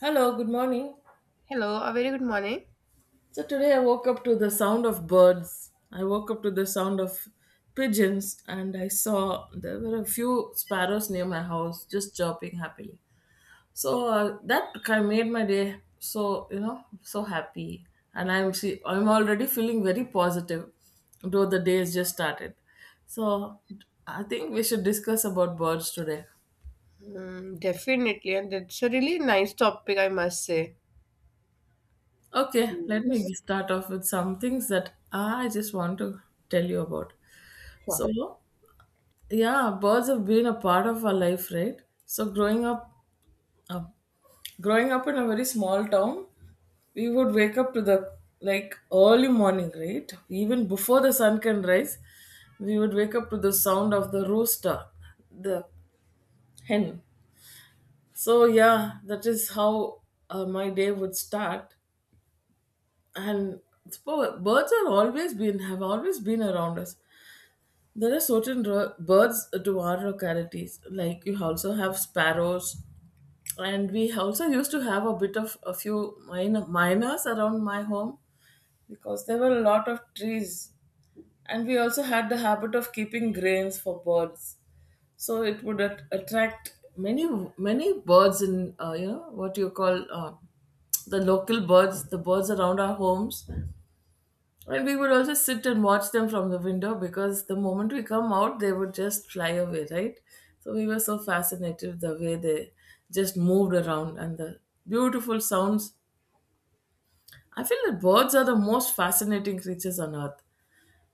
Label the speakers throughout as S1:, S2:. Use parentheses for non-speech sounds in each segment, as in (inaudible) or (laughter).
S1: Hello, good morning.
S2: Hello, a very good morning.
S1: So today I woke up to the sound of birds. I woke up to the sound of pigeons, and I saw there were a few sparrows near my house just chirping happily. So that kind of made my day so, you know, so happy, and I'm already feeling very positive though the day has just started. So I think we should discuss about birds today.
S2: Mm, definitely, and it's a really nice topic, I must say.
S1: Okay,
S2: So,
S1: let
S2: yes,
S1: me start off with some things that I just want to tell you about.
S2: sure.
S1: So, yeah, birds have been a part of our life, right? So uh, growing up in a very small town, we would wake up to the, like, early morning, right, even before the sun can rise, we would wake up to the sound of the rooster, the hen. So yeah, that is how my day would start. And birds are always been, have always been around us. There are certain birds to our localities, like you also have sparrows, and we also used to have a bit of a few miners around my home because there were a lot of trees. And we also had the habit of keeping grains for birds, so it would attract many birds in, you know what you call, the local birds, the birds around our homes. And we would also sit and watch them from the window because the moment we come out, they would just fly away, right? So we were so fascinated the way they just moved around and the beautiful sounds. I feel that birds are the most fascinating creatures on earth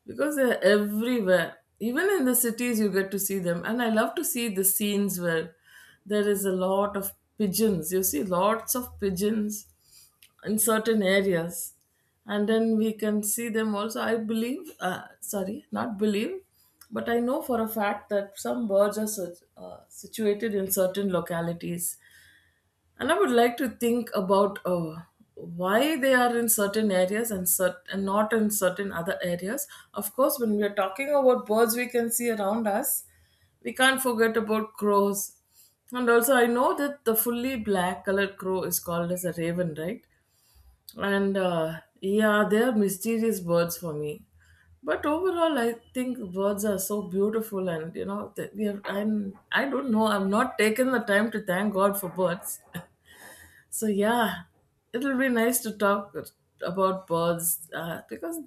S1: because they're everywhere. Even in the cities, you get to see them. And I love to see the scenes where there is a lot of pigeons. You see lots of pigeons in certain areas, and then we can see them also. I believe, sorry, not believe, but I know for a fact that some birds are situated in certain localities, and I would like to think about why they are in certain areas, and not in certain other areas. Of course, when we are talking about birds we can see around us, we can't forget about crows. And also I know that the fully black colored crow is called as a raven, right? And yeah, they are mysterious birds for me. But overall, I think birds are so beautiful, and you know, that we are. I'm. I don't know. I'm not taking the time to thank God for birds. (laughs) So yeah, it'll be nice to talk about birds because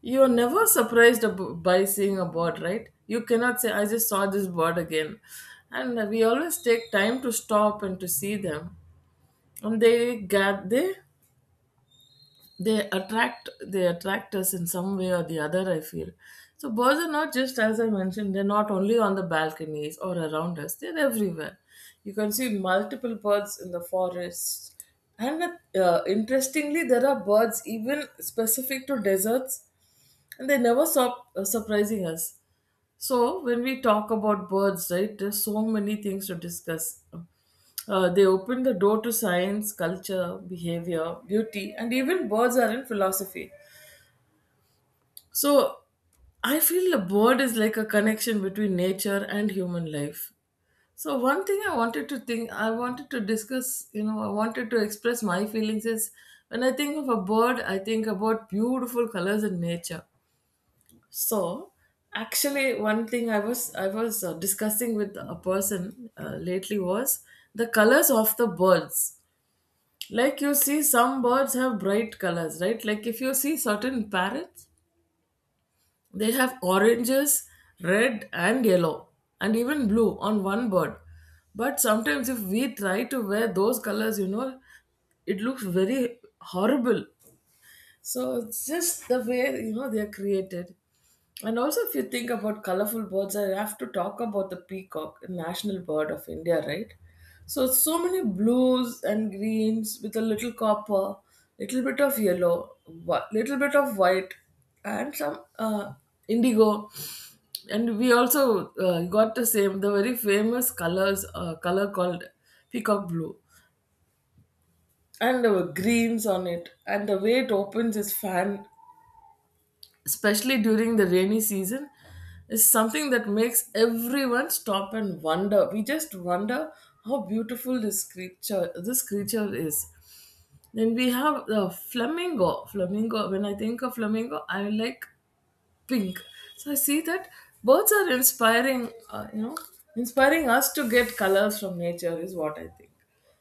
S1: you're never surprised by seeing a bird, right? You cannot say, "I just saw this bird again," and we always take time to stop and to see them. And they get they attract us in some way or the other, I feel. So birds are, not just as I mentioned, they're not only on the balconies or around us, they're everywhere. You can see multiple birds in the forests. And interestingly, there are birds even specific to deserts, and they never stop surprising us. So when we talk about birds, right, there's so many things to discuss. They open the door to science, culture, behavior, beauty, and even birds are in philosophy. So I feel a bird is like a connection between nature and human life. So one thing I wanted to think, I wanted to discuss, you know, I wanted to express my feelings is when I think of a bird, I think about beautiful colors in nature. So, actually, one thing I was discussing with a person lately was the colors of the birds. Like you see, some birds have bright colors, right? Like if you see certain parrots, they have oranges, red, and yellow, and even blue on one bird. But sometimes, if we try to wear those colors, it looks very horrible, so it's just the way they are created. And also, if you think about colorful birds, I have to talk about the peacock, a national bird of India, right? So it's so many blues and greens with a little copper, little bit of yellow, little bit of white, and some indigo. And we also got the same, the very famous colors, color called peacock blue, and there were greens on it. And the way it opens is fan, especially during the rainy season, is something that makes everyone stop and wonder. We just wonder how beautiful this creature is. Then we have the flamingo. Flamingo. When I think of flamingo, I like pink. So I see that birds are inspiring, inspiring us to get colors from nature is what I think.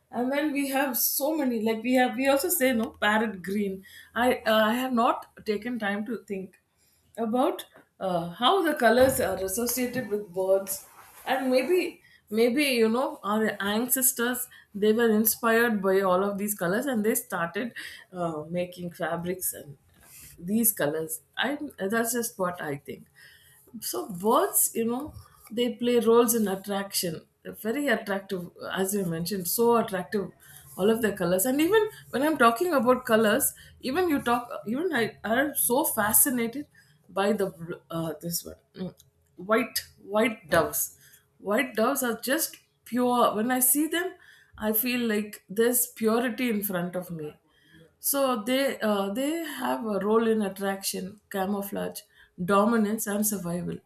S1: And then we have so many, like we have, we also say no parrot green. I have not taken time to think about how the colors are associated with birds, and maybe maybe our ancestors, they were inspired by all of these colors, and they started making fabrics, and these colors, I that's just what I think. So birds, they play roles in attraction. They're very attractive, as you mentioned, so attractive, all of their colors. And even when I'm talking about colors, even you talk even I I'm so fascinated by the this one, white. White doves white doves are just pure. When I see them, I feel like there's purity in front of me. So they have a role in attraction, camouflage, dominance, and survival.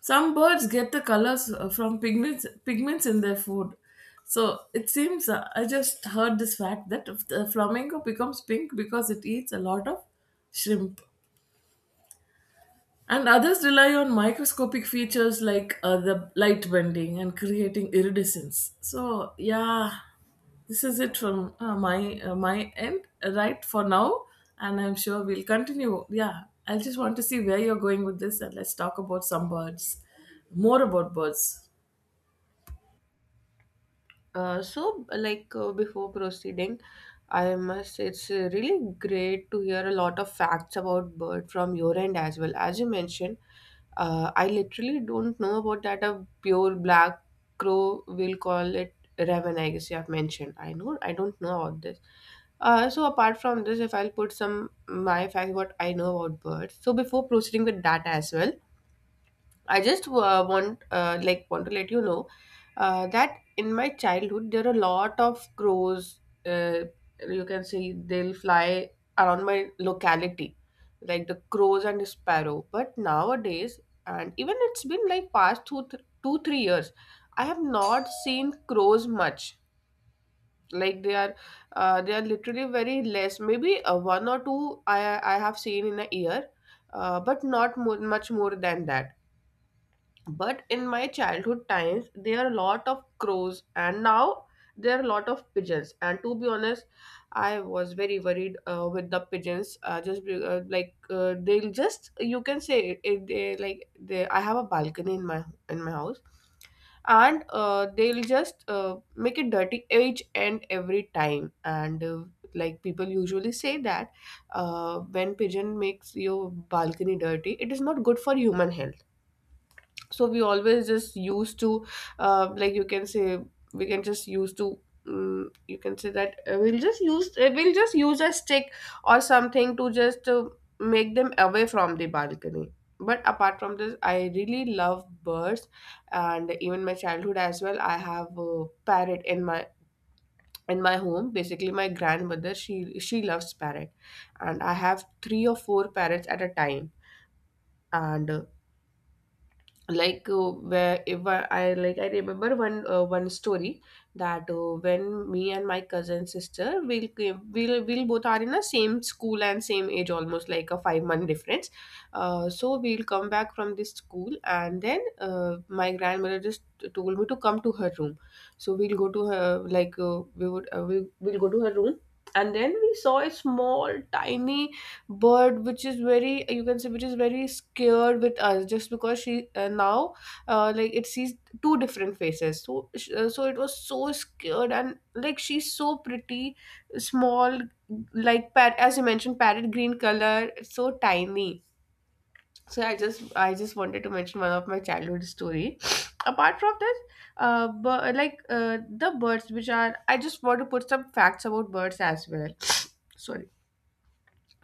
S1: Some birds get the colors from pigments in their food. So it seems, I just heard this fact that if the flamingo becomes pink because it eats a lot of shrimp. And others rely on microscopic features like the light bending and creating iridescence. So, yeah, this is it from my end, right for now, and I'm sure we'll continue. Yeah, I just want to see where you're going with this, and let's talk about some birds, more about birds.
S2: So, before proceeding, I must say it's really great to hear a lot of facts about bird from your end as well. As you mentioned, I literally don't know about that. A pure black crow we will call it raven. I guess you have mentioned. I know. I don't know about this. So apart from this, if I'll put some my facts what I know about birds. So before proceeding with that as well, I just want to let you know that in my childhood there are a lot of crows. Uh, you can see they'll fly around my locality, like the crows and the sparrow. But nowadays, and even it's been like past two three years, I have not seen crows much. Like they are literally very less. Maybe one or two I have seen in a year, but not more, much more than that, but in my childhood times there are a lot of crows and now there are a lot of pigeons. And to be honest, I was very worried with the pigeons, just be- like they'll just, you can say it, they, I have a balcony in my house, and they'll just make it dirty each and every time. And like people usually say that when pigeon makes your balcony dirty it is not good for human health. So we always just used to, you can say, we can just use to you can say that we'll just use a stick or something to just make them away from the balcony. But apart from this I really love birds, and even my childhood as well, I have a parrot in my home. Basically my grandmother, she loves parrot, and I have three or four parrots at a time. And like where if I remember one story that when me and my cousin sister, we'll both are in the same school and same age, almost like a 5 month difference. So we'll come back from this school, and then my grandmother just told me to come to her room. So we'll go to her, we'll go to her room, and then we saw a small tiny bird which is very, you can say, which is very scared with us, just because she now like it sees two different faces. So it was so scared, and like she's so pretty small, like as you mentioned, parrot green color, so tiny. So I just wanted to mention one of my childhood story (sniffs) apart from this. But like The birds which are, I just want to put some facts about birds as well. (sniffs) sorry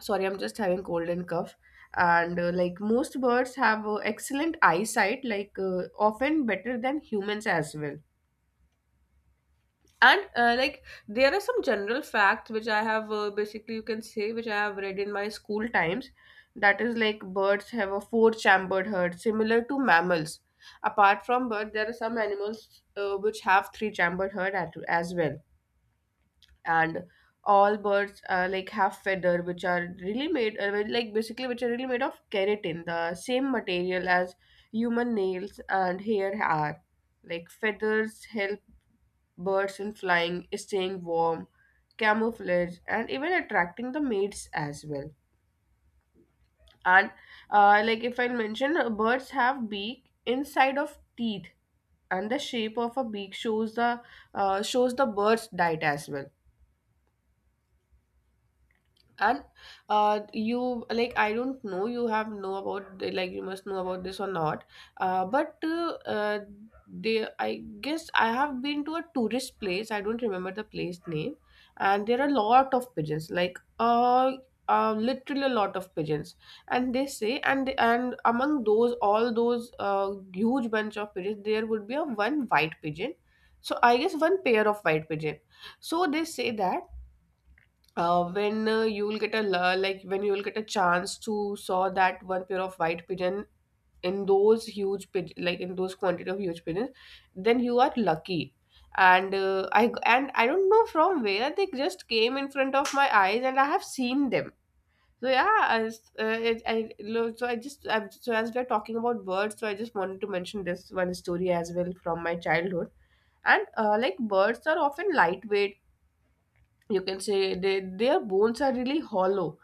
S2: sorry, I'm just having cold and cough. And like most birds have excellent eyesight, like often better than humans as well. And like there are some general facts which I have, basically you can say which I have read in my school times, that is, like, birds have a four chambered heart similar to mammals. Apart from birds there are some animals which have three chambered heart as well. And all birds, like, have feather which are really made, basically which are really made of keratin, the same material as human nails and hair are. Like, feathers help birds in flying, staying warm, camouflage, and even attracting the mates as well. And like, if I mention, birds have beak inside of teeth, and the shape of a beak shows the, shows the bird's diet as well. And you like I don't know, you have know about, like, you must know about this or not. But they I guess I have been to a tourist place, I don't remember the place name, and there are a lot of pigeons, literally a lot of pigeons. And they say, and among those all those huge bunch of pigeons there would be a one white pigeon, so I guess one pair of white pigeon. So they say that, when you will get a when you will get a chance to saw that one pair of white pigeon in those huge pig- like in those quantity of huge pigeons, then you are lucky. And I don't know from where they just came in front of my eyes and I have seen them. So yeah, as it, I lo- so I just I so as we're talking about birds, so I just wanted to mention this one story as well from my childhood. And like birds are often lightweight, you can say their bones are really hollow.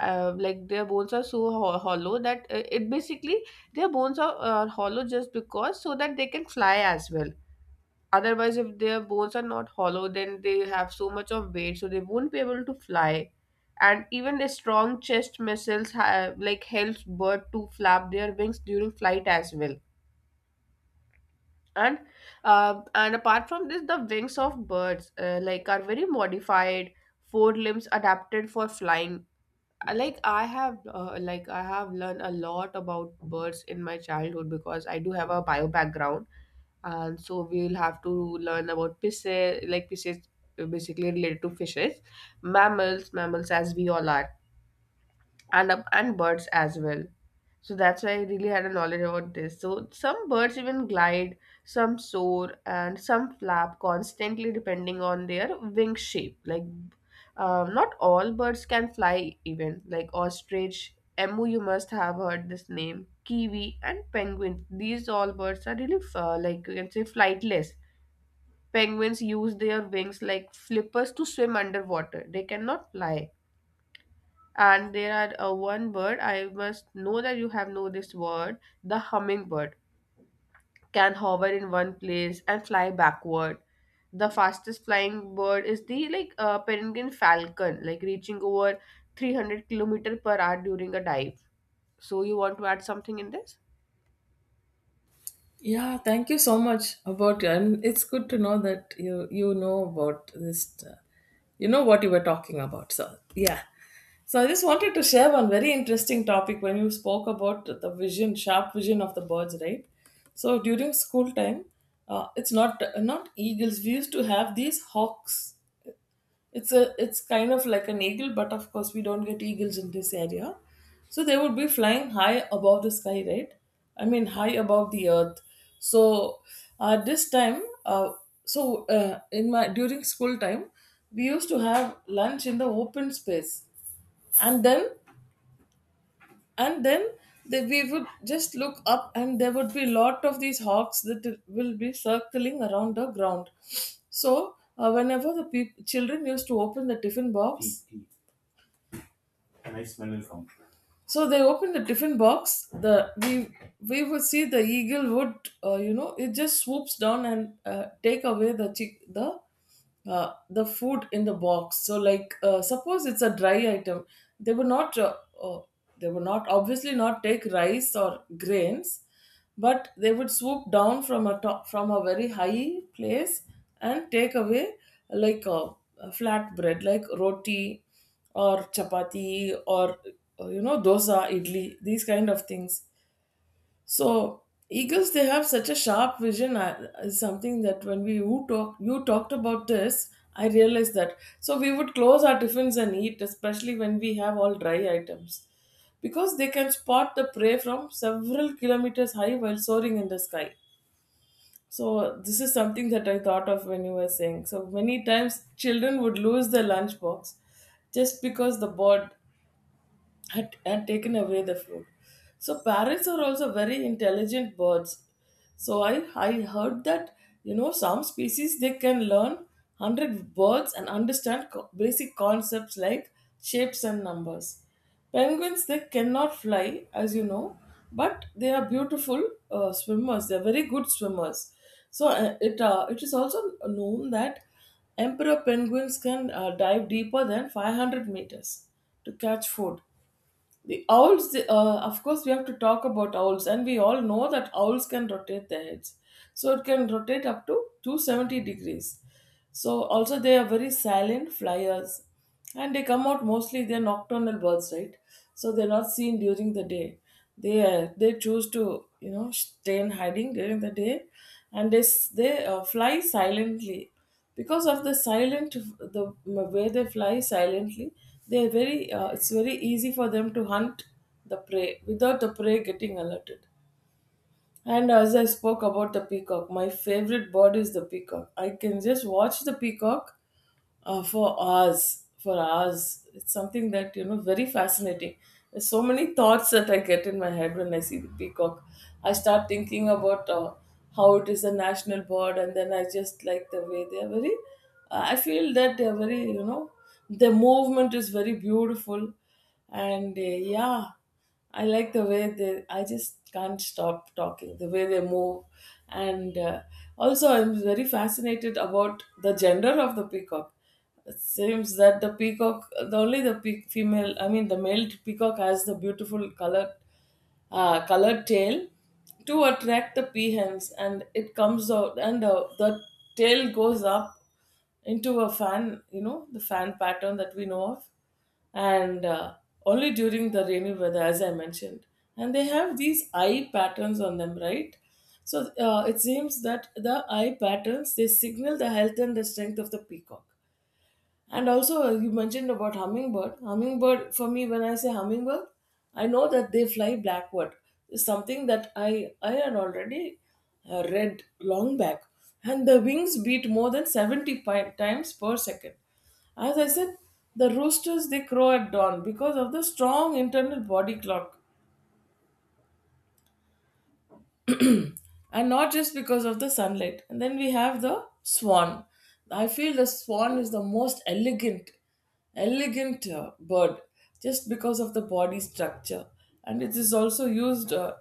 S2: Their bones are so hollow that it basically their bones are hollow just because so that they can fly as well. Otherwise if their bones are not hollow then they have so much of weight, so they won't be able to fly. And even the strong chest muscles have, like, helps bird to flap their wings during flight as well. And apart from this, the wings of birds, like, are very modified four limbs adapted for flying. I have learned a lot about birds in my childhood because I do have a bio background, and so we'll have to learn about pisces, basically related to fishes, mammals as we all are, and birds as well. So that's why I really had a knowledge about this. So some birds even glide, some soar, and some flap constantly depending on their wing shape. Not all birds can fly, even like ostrich, emu, you must have heard this name, kiwi and penguin, these all birds are really, you can say, flightless. Penguins use their wings like flippers to swim underwater, they cannot fly. And there are, one bird I must know that you have know this word, the hummingbird, can hover in one place and fly backward. The fastest flying bird is the, peregrine falcon, like reaching over 300 kilometer per hour during a dive. So you want to add something in this?
S1: Yeah, thank you so much about you, and it's good to know that you know about this, you know what you were talking about. So, yeah. So, I just wanted to share one very interesting topic when you spoke about the vision, sharp vision of the birds, right? So, during school time, it's not, not eagles. We used to have these hawks. It's kind of like an eagle, but of course we don't get eagles in this area. So they would be flying high above the sky, right? I mean high above the earth. So at this time, in my during school time, we used to have lunch in the open space, and then and then we would just look up, and there would be lot of these hawks that will be circling around the ground. So whenever the peop children used to open the tiffin box. So they opened a different box. The we would see the eagle would, you know, it just swoops down and take away the food in the box. So like, suppose it's a dry item, they would not uh, uh, they would not, obviously not take rice or grains, but they would swoop down from a top from a very high place and take away like a flat bread like roti or chapati or you know, dosa, idli, these kind of things. So eagles, they have such a sharp vision is something that, when we you talk you talked about this, I realized that. So we would close our tiffins and eat, especially when we have all dry items, because they can spot the prey from several kilometers high while soaring in the sky. So this is something that I thought of when you were saying. So many times children would lose their lunchbox just because the bird had taken away the food. So parrots are also very intelligent birds. So I heard that some species they can learn 100 words and understand basic concepts like shapes and numbers. Penguins, they cannot fly as you know, but they are beautiful swimmers. They are very good swimmers. So it is also known that emperor penguins can dive deeper than 500 meters to catch food. The owls, of course, we have to talk about owls, and we all know that owls can rotate their heads. So it can rotate up to 270 degrees. So also they are very silent flyers, and they come out mostly. They're nocturnal birds, right? So they're not seen during the day. They choose to stay in hiding during the day, and they fly silently because of the silent the way they fly silently. They are very it's very easy for them to hunt the prey without the prey getting alerted. And as I spoke about the peacock, my favorite bird is the peacock. I can just watch the peacock for hours. For hours, it's something that very fascinating. There's so many thoughts that I get in my head when I see the peacock. I start thinking about how it is a national bird, and then I just like the way they are very. I feel that they are very their movement is very beautiful, and yeah. I like the way they. I just can't stop talking. The way they move, and also I'm very fascinated about the gender of the peacock. It seems that the peacock, the only the peac female, I mean the male peacock has the beautiful colored, colored tail to attract the peahens, and it comes out, and the tail goes up into a fan, you know, the fan pattern that we know of, and only during the rainy weather, as I mentioned. And they have these eye patterns on them, right? So it seems that the eye patterns they signal the health and the strength of the peacock. And also, you mentioned about hummingbird. Hummingbird, for me, when I say hummingbird, I know that they fly backward. It's something that I had already read long back. And the wings beat more than times per second. As I said, the roosters they crow at dawn because of the strong internal body clock, and not just because of the sunlight. And then we have the swan. I feel the swan is the most elegant, elegant bird just because of the body structure, and it is also used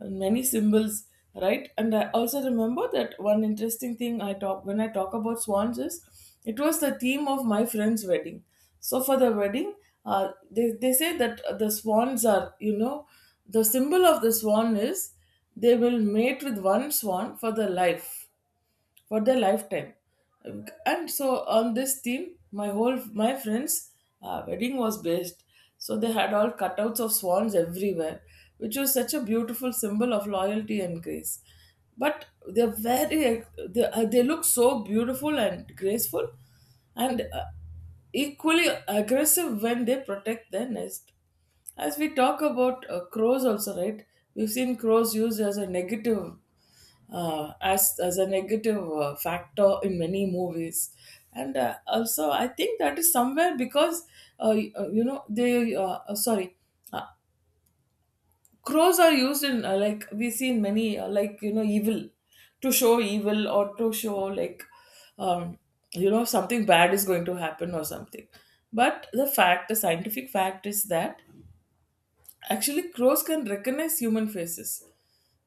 S1: in many symbols, right? And I also remember that one interesting thing I talk when I talk about swans is it was the theme of my friend's wedding. So for the wedding, they say that the swans are, you know, the symbol of the swan is they will mate with one swan for their life for their lifetime. And so on this theme my friend's wedding was based, so they had all cutouts of swans everywhere, which was such a beautiful symbol of loyalty and grace. But they're very they look so beautiful and graceful, and equally aggressive when they protect their nest. As we talk about crows also, right, we've seen crows used as a negative as a negative factor in many movies. And also I think that is somewhere because you know they sorry uh, crows are used in like we see in many like you know evil, to show evil or to show like um, you know something bad is going to happen or something. But the scientific fact is that actually, crows can recognize human faces.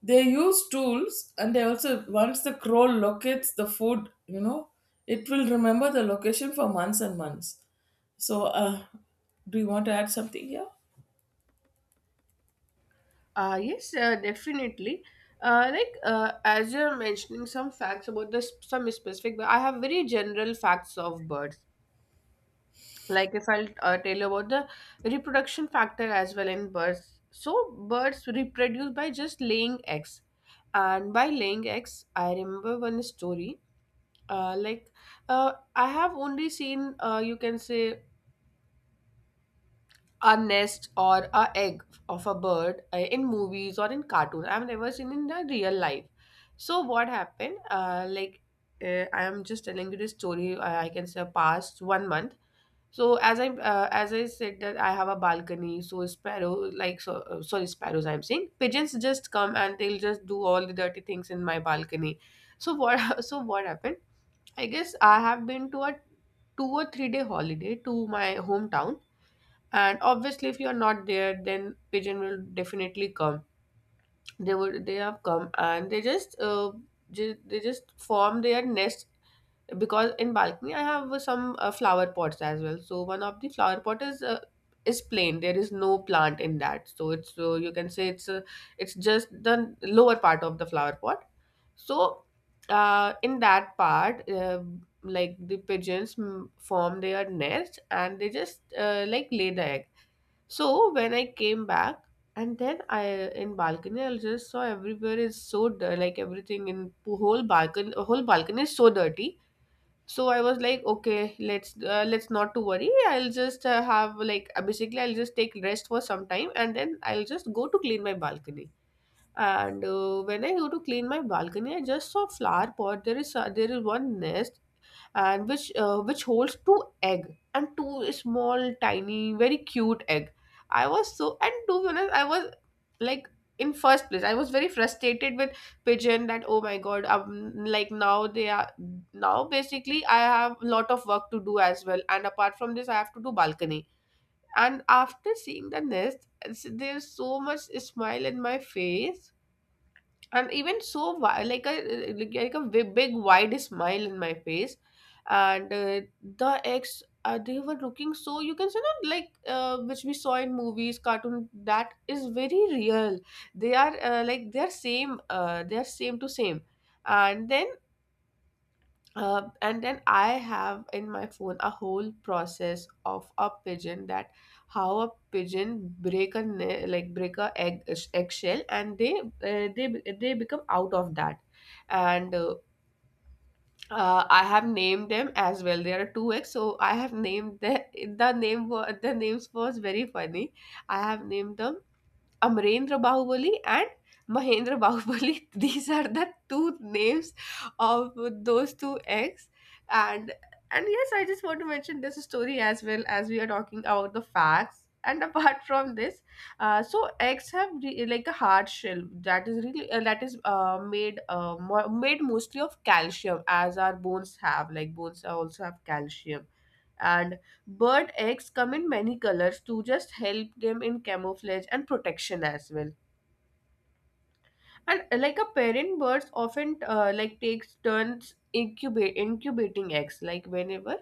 S1: They use tools, and they also once the crow locates the food, you know, it will remember the location for months and months. So, do you want to add something here?
S2: Yes, definitely. As you're mentioning some facts about this some specific, but I have very general facts of birds. Like if I'll tell you about the reproduction factor as well in birds, so birds reproduce by just laying eggs. And by laying eggs I remember one story. uh, like I have only seen, you can say, a nest or a egg of a bird in movies or in cartoon, I've never seen in the real life. So what happened, I am just telling you this story, I can say past 1 month. So as I said that I have a balcony, so sparrow like so sorry, sparrows I'm saying, pigeons just come and they'll just do all the dirty things in my balcony. So what (laughs) so what happened? I guess I have been to a 2 or 3 day holiday to my hometown, and obviously if you are not there, then pigeon will definitely come. They have come and they just they just form their nest. Because in balcony I have some flower pots as well. So one of the flower pot is, is plain, there is no plant in that. So it's, you can say it's, it's just the lower part of the flower pot. So in that part, the pigeons form their nest and they just like lay the egg. So when I came back. And then I, in balcony I just saw everywhere is so like everything in whole balcony is so dirty. So I was like, okay, let's not to worry. I'll just have basically, I'll just take rest for some time and then I'll just go to clean my balcony. And when I go to clean my balcony, I just saw flower pot. There is there is one nest, and which holds two egg and two small tiny very cute egg. I was so, and to be honest, I was like, in first place I was very frustrated with pigeon that, oh my god, like now they are, now basically I have a lot of work to do as well, and apart from this I have to do balcony. And after seeing the nest, there's so much smile in my face. And even so like a, like a big wide smile in my face. And they were looking so, you can say, not which we saw in movies cartoon. That is very real. They are like they are same to same. And then and then I have in my phone a whole process of a pigeon, that how a pigeon like break a egg eggshell, and they become out of that. And I have named them as well. There are two eggs, so I have named the the names was very funny. I have named them Amarendra Bahubali and Mahendra Bahubali. (laughs) These are the two names of those two eggs. And and yes, I just want to mention this story as well, as we are talking about the facts. And (laughs) apart from this, so eggs have like a hard shell, that is really that is made mostly of calcium, as our bones have. Like bones also have calcium. And bird eggs come in many colors to just help them in camouflage and protection as well. And like a parent birds often like takes turns incubate incubating eggs. Like whenever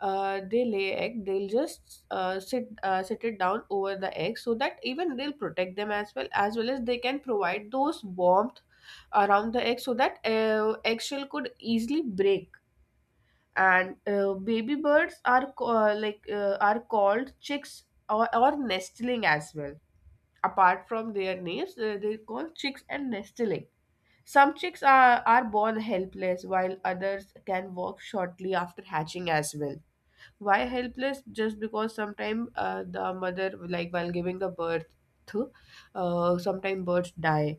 S2: they lay egg, they'll just sit it down over the egg, so that even they'll protect them, as well as well as they can provide those warmth around the egg, so that eggshell could easily break. And baby birds are are called chicks, or nestling as well. Apart from their names, they're called chicks and nestling. Some chicks are born helpless, while others can walk shortly after hatching as well. Why helpless? Just because sometimes the mother, like while giving the birth to, sometimes birds die,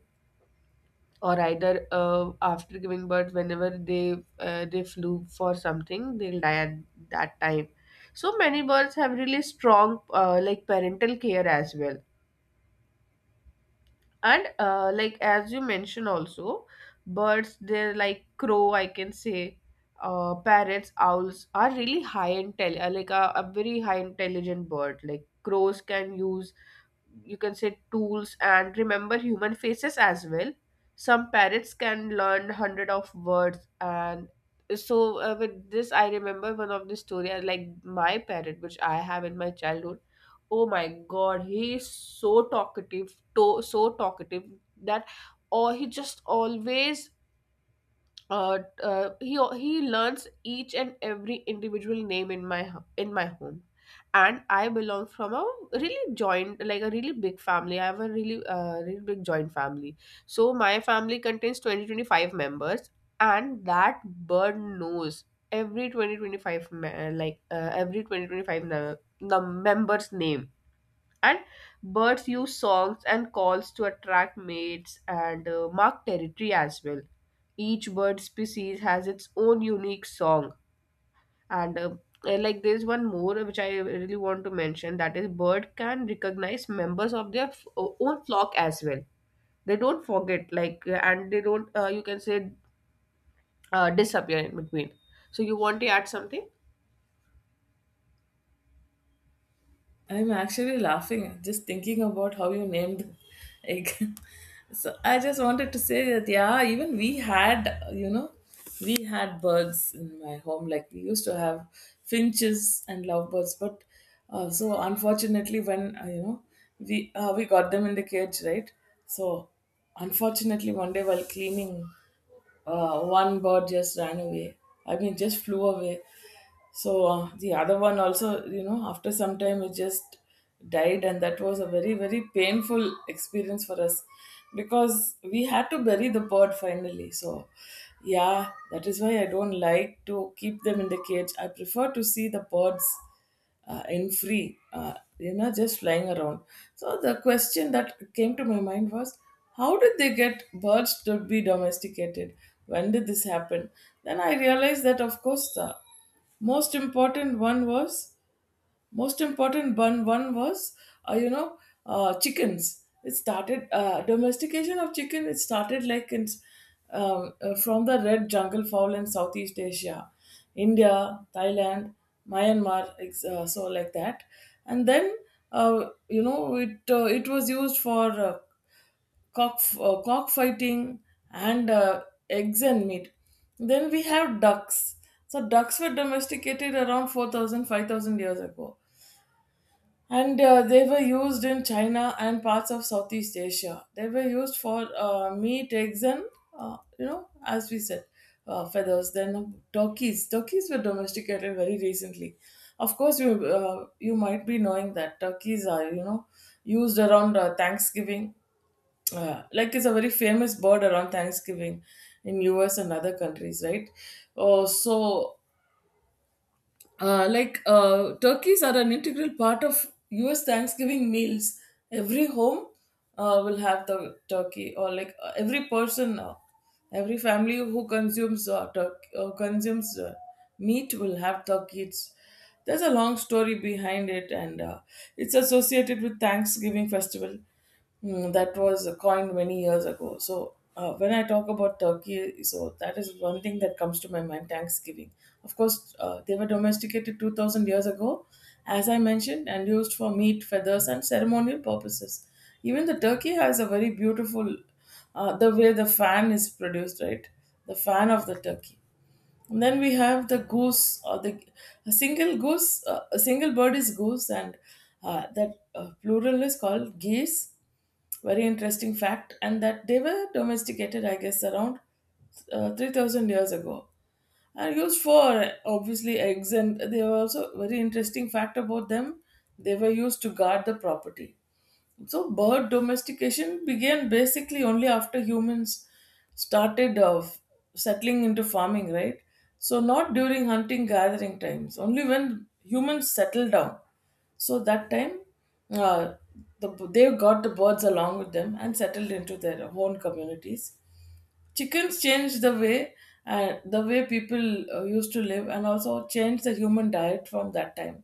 S2: or either after giving birth, whenever they flew for something, they'll die at that time. So many birds have really strong parental care as well. And like as you mentioned also, birds, they're like crow, I can say, parrots, owls are really high intel like a very high intelligent bird. Like crows can use, you can say, tools and remember human faces as well. Some parrots can learn hundred of words. And so with this I remember one of the story. I like my parrot which I have in my childhood. Oh my god, he is so talkative, so talkative, that, or he just always uh, he learns each and every individual name in in my home. And I belong from a really joint, like a really big family. I have a really big joint family. So my family contains 20-25 members. And that bird knows every twenty twenty five 25 every twenty twenty five 25 member's name. And birds use songs and calls to attract mates and mark territory as well. Each bird species has its own unique song. And like there's one more which I really want to mention, that is, bird can recognize members of their own flock as well. They don't forget, like and they don't you can say disappear in between. So you want to add something?
S1: I'm actually laughing just thinking about how you named egg. (laughs) So I just wanted to say that yeah, even we had we had birds in my home. Like we used to have finches and lovebirds, but so unfortunately when you know we got them in the cage, right? So unfortunately one day while cleaning, one bird just ran away. I mean, just flew away. So the other one also, you know, after some time it just died, and that was a very, very painful experience for us because we had to bury the bird finally. So, yeah, that is why I don't like to keep them in the cage. I prefer to see the birds in free, you know, just flying around. So, the question that came to my mind was how did they get birds to be domesticated? When did this happen? Then I realized that, of course, the most important one was most important one was you know chickens, it started domestication of chicken, it started like in, from the red jungle fowl in Southeast Asia, India, Thailand, Myanmar, so like that. And then you know it was used for cockfighting and eggs and meat. Then we have ducks. So ducks were domesticated around 4,000, 5,000 years ago, and they were used in China and parts of Southeast Asia. They were used for meat, eggs, and you know as we said, feathers. Then turkeys were domesticated very recently. Of course you might be knowing that turkeys are used around Thanksgiving. Like it's a very famous bird around Thanksgiving in US and other countries, right? Oh, so turkeys are an integral part of US Thanksgiving meals. Every home will have the turkey, or like every person, every family who consumes consumes meat will have turkey. It's, there's a long story behind it, and it's associated with Thanksgiving festival, that was coined many years ago. So when I talk about Turkey, so that is one thing that comes to my mind. Thanksgiving, of course, they were domesticated 2,000 years ago, as I mentioned, and used for meat, feathers, and ceremonial purposes. Even the turkey has a very beautiful, the way the fan is produced, right? The fan of the turkey. And then we have the goose, or the a single goose, a single bird is goose, and that plural is called geese. Very interesting fact, and that they were domesticated, I guess, around 3,000 years ago, and used for obviously eggs. And they were also very interesting fact about them. They were used to guard the property. So, bird domestication began basically only after humans started settling into farming, right? So, not during hunting gathering times, only when humans settled down. So, that time, uh, they got the birds along with them and settled into their own communities. Chickens changed the way people used to live, and also changed the human diet from that time.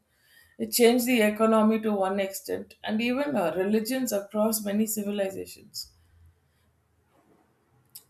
S1: It changed the economy to one extent, and even religions across many civilizations.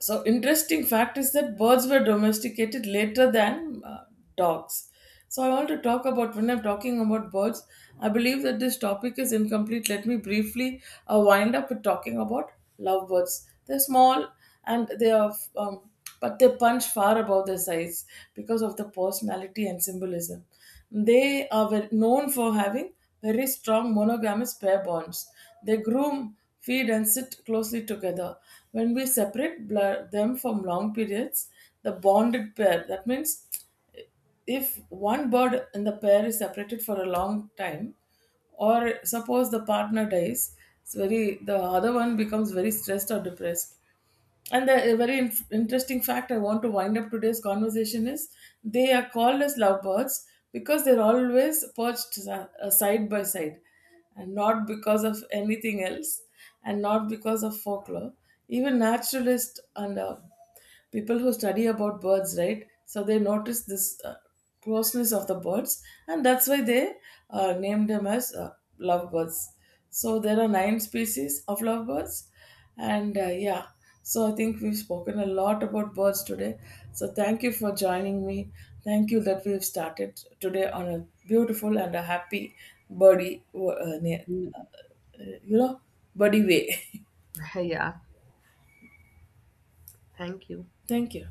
S1: So, interesting fact is that birds were domesticated later than dogs. So, I want to talk about when I'm talking about birds, I believe that this topic is incomplete. Let me briefly wind up with talking about lovebirds. They're small, and they are, but they punch far above their size because of the personality and symbolism. They are known for having very strong monogamous pair bonds. They groom, feed, and sit closely together. When we separate blur them from long periods, the bonded pair, that means if one bird in the pair is separated for a long time or suppose the partner dies, it's very the other one becomes very stressed or depressed. And the a very interesting fact I want to wind up today's conversation is they are called as lovebirds because they're always perched side by side, and not because of anything else, and not because of folklore. Even naturalists and people who study about birds, right, so they notice this closeness of the birds, and that's why they named them as lovebirds. So there are 9 species of lovebirds, and yeah. So I think we've spoken a lot about birds today. So thank you for joining me. Thank you that we've started today on a beautiful and a happy birdie uh, ne-
S2: Mm.
S1: you know, birdie way. (laughs)
S2: (laughs) Yeah. Thank you.
S1: Thank you.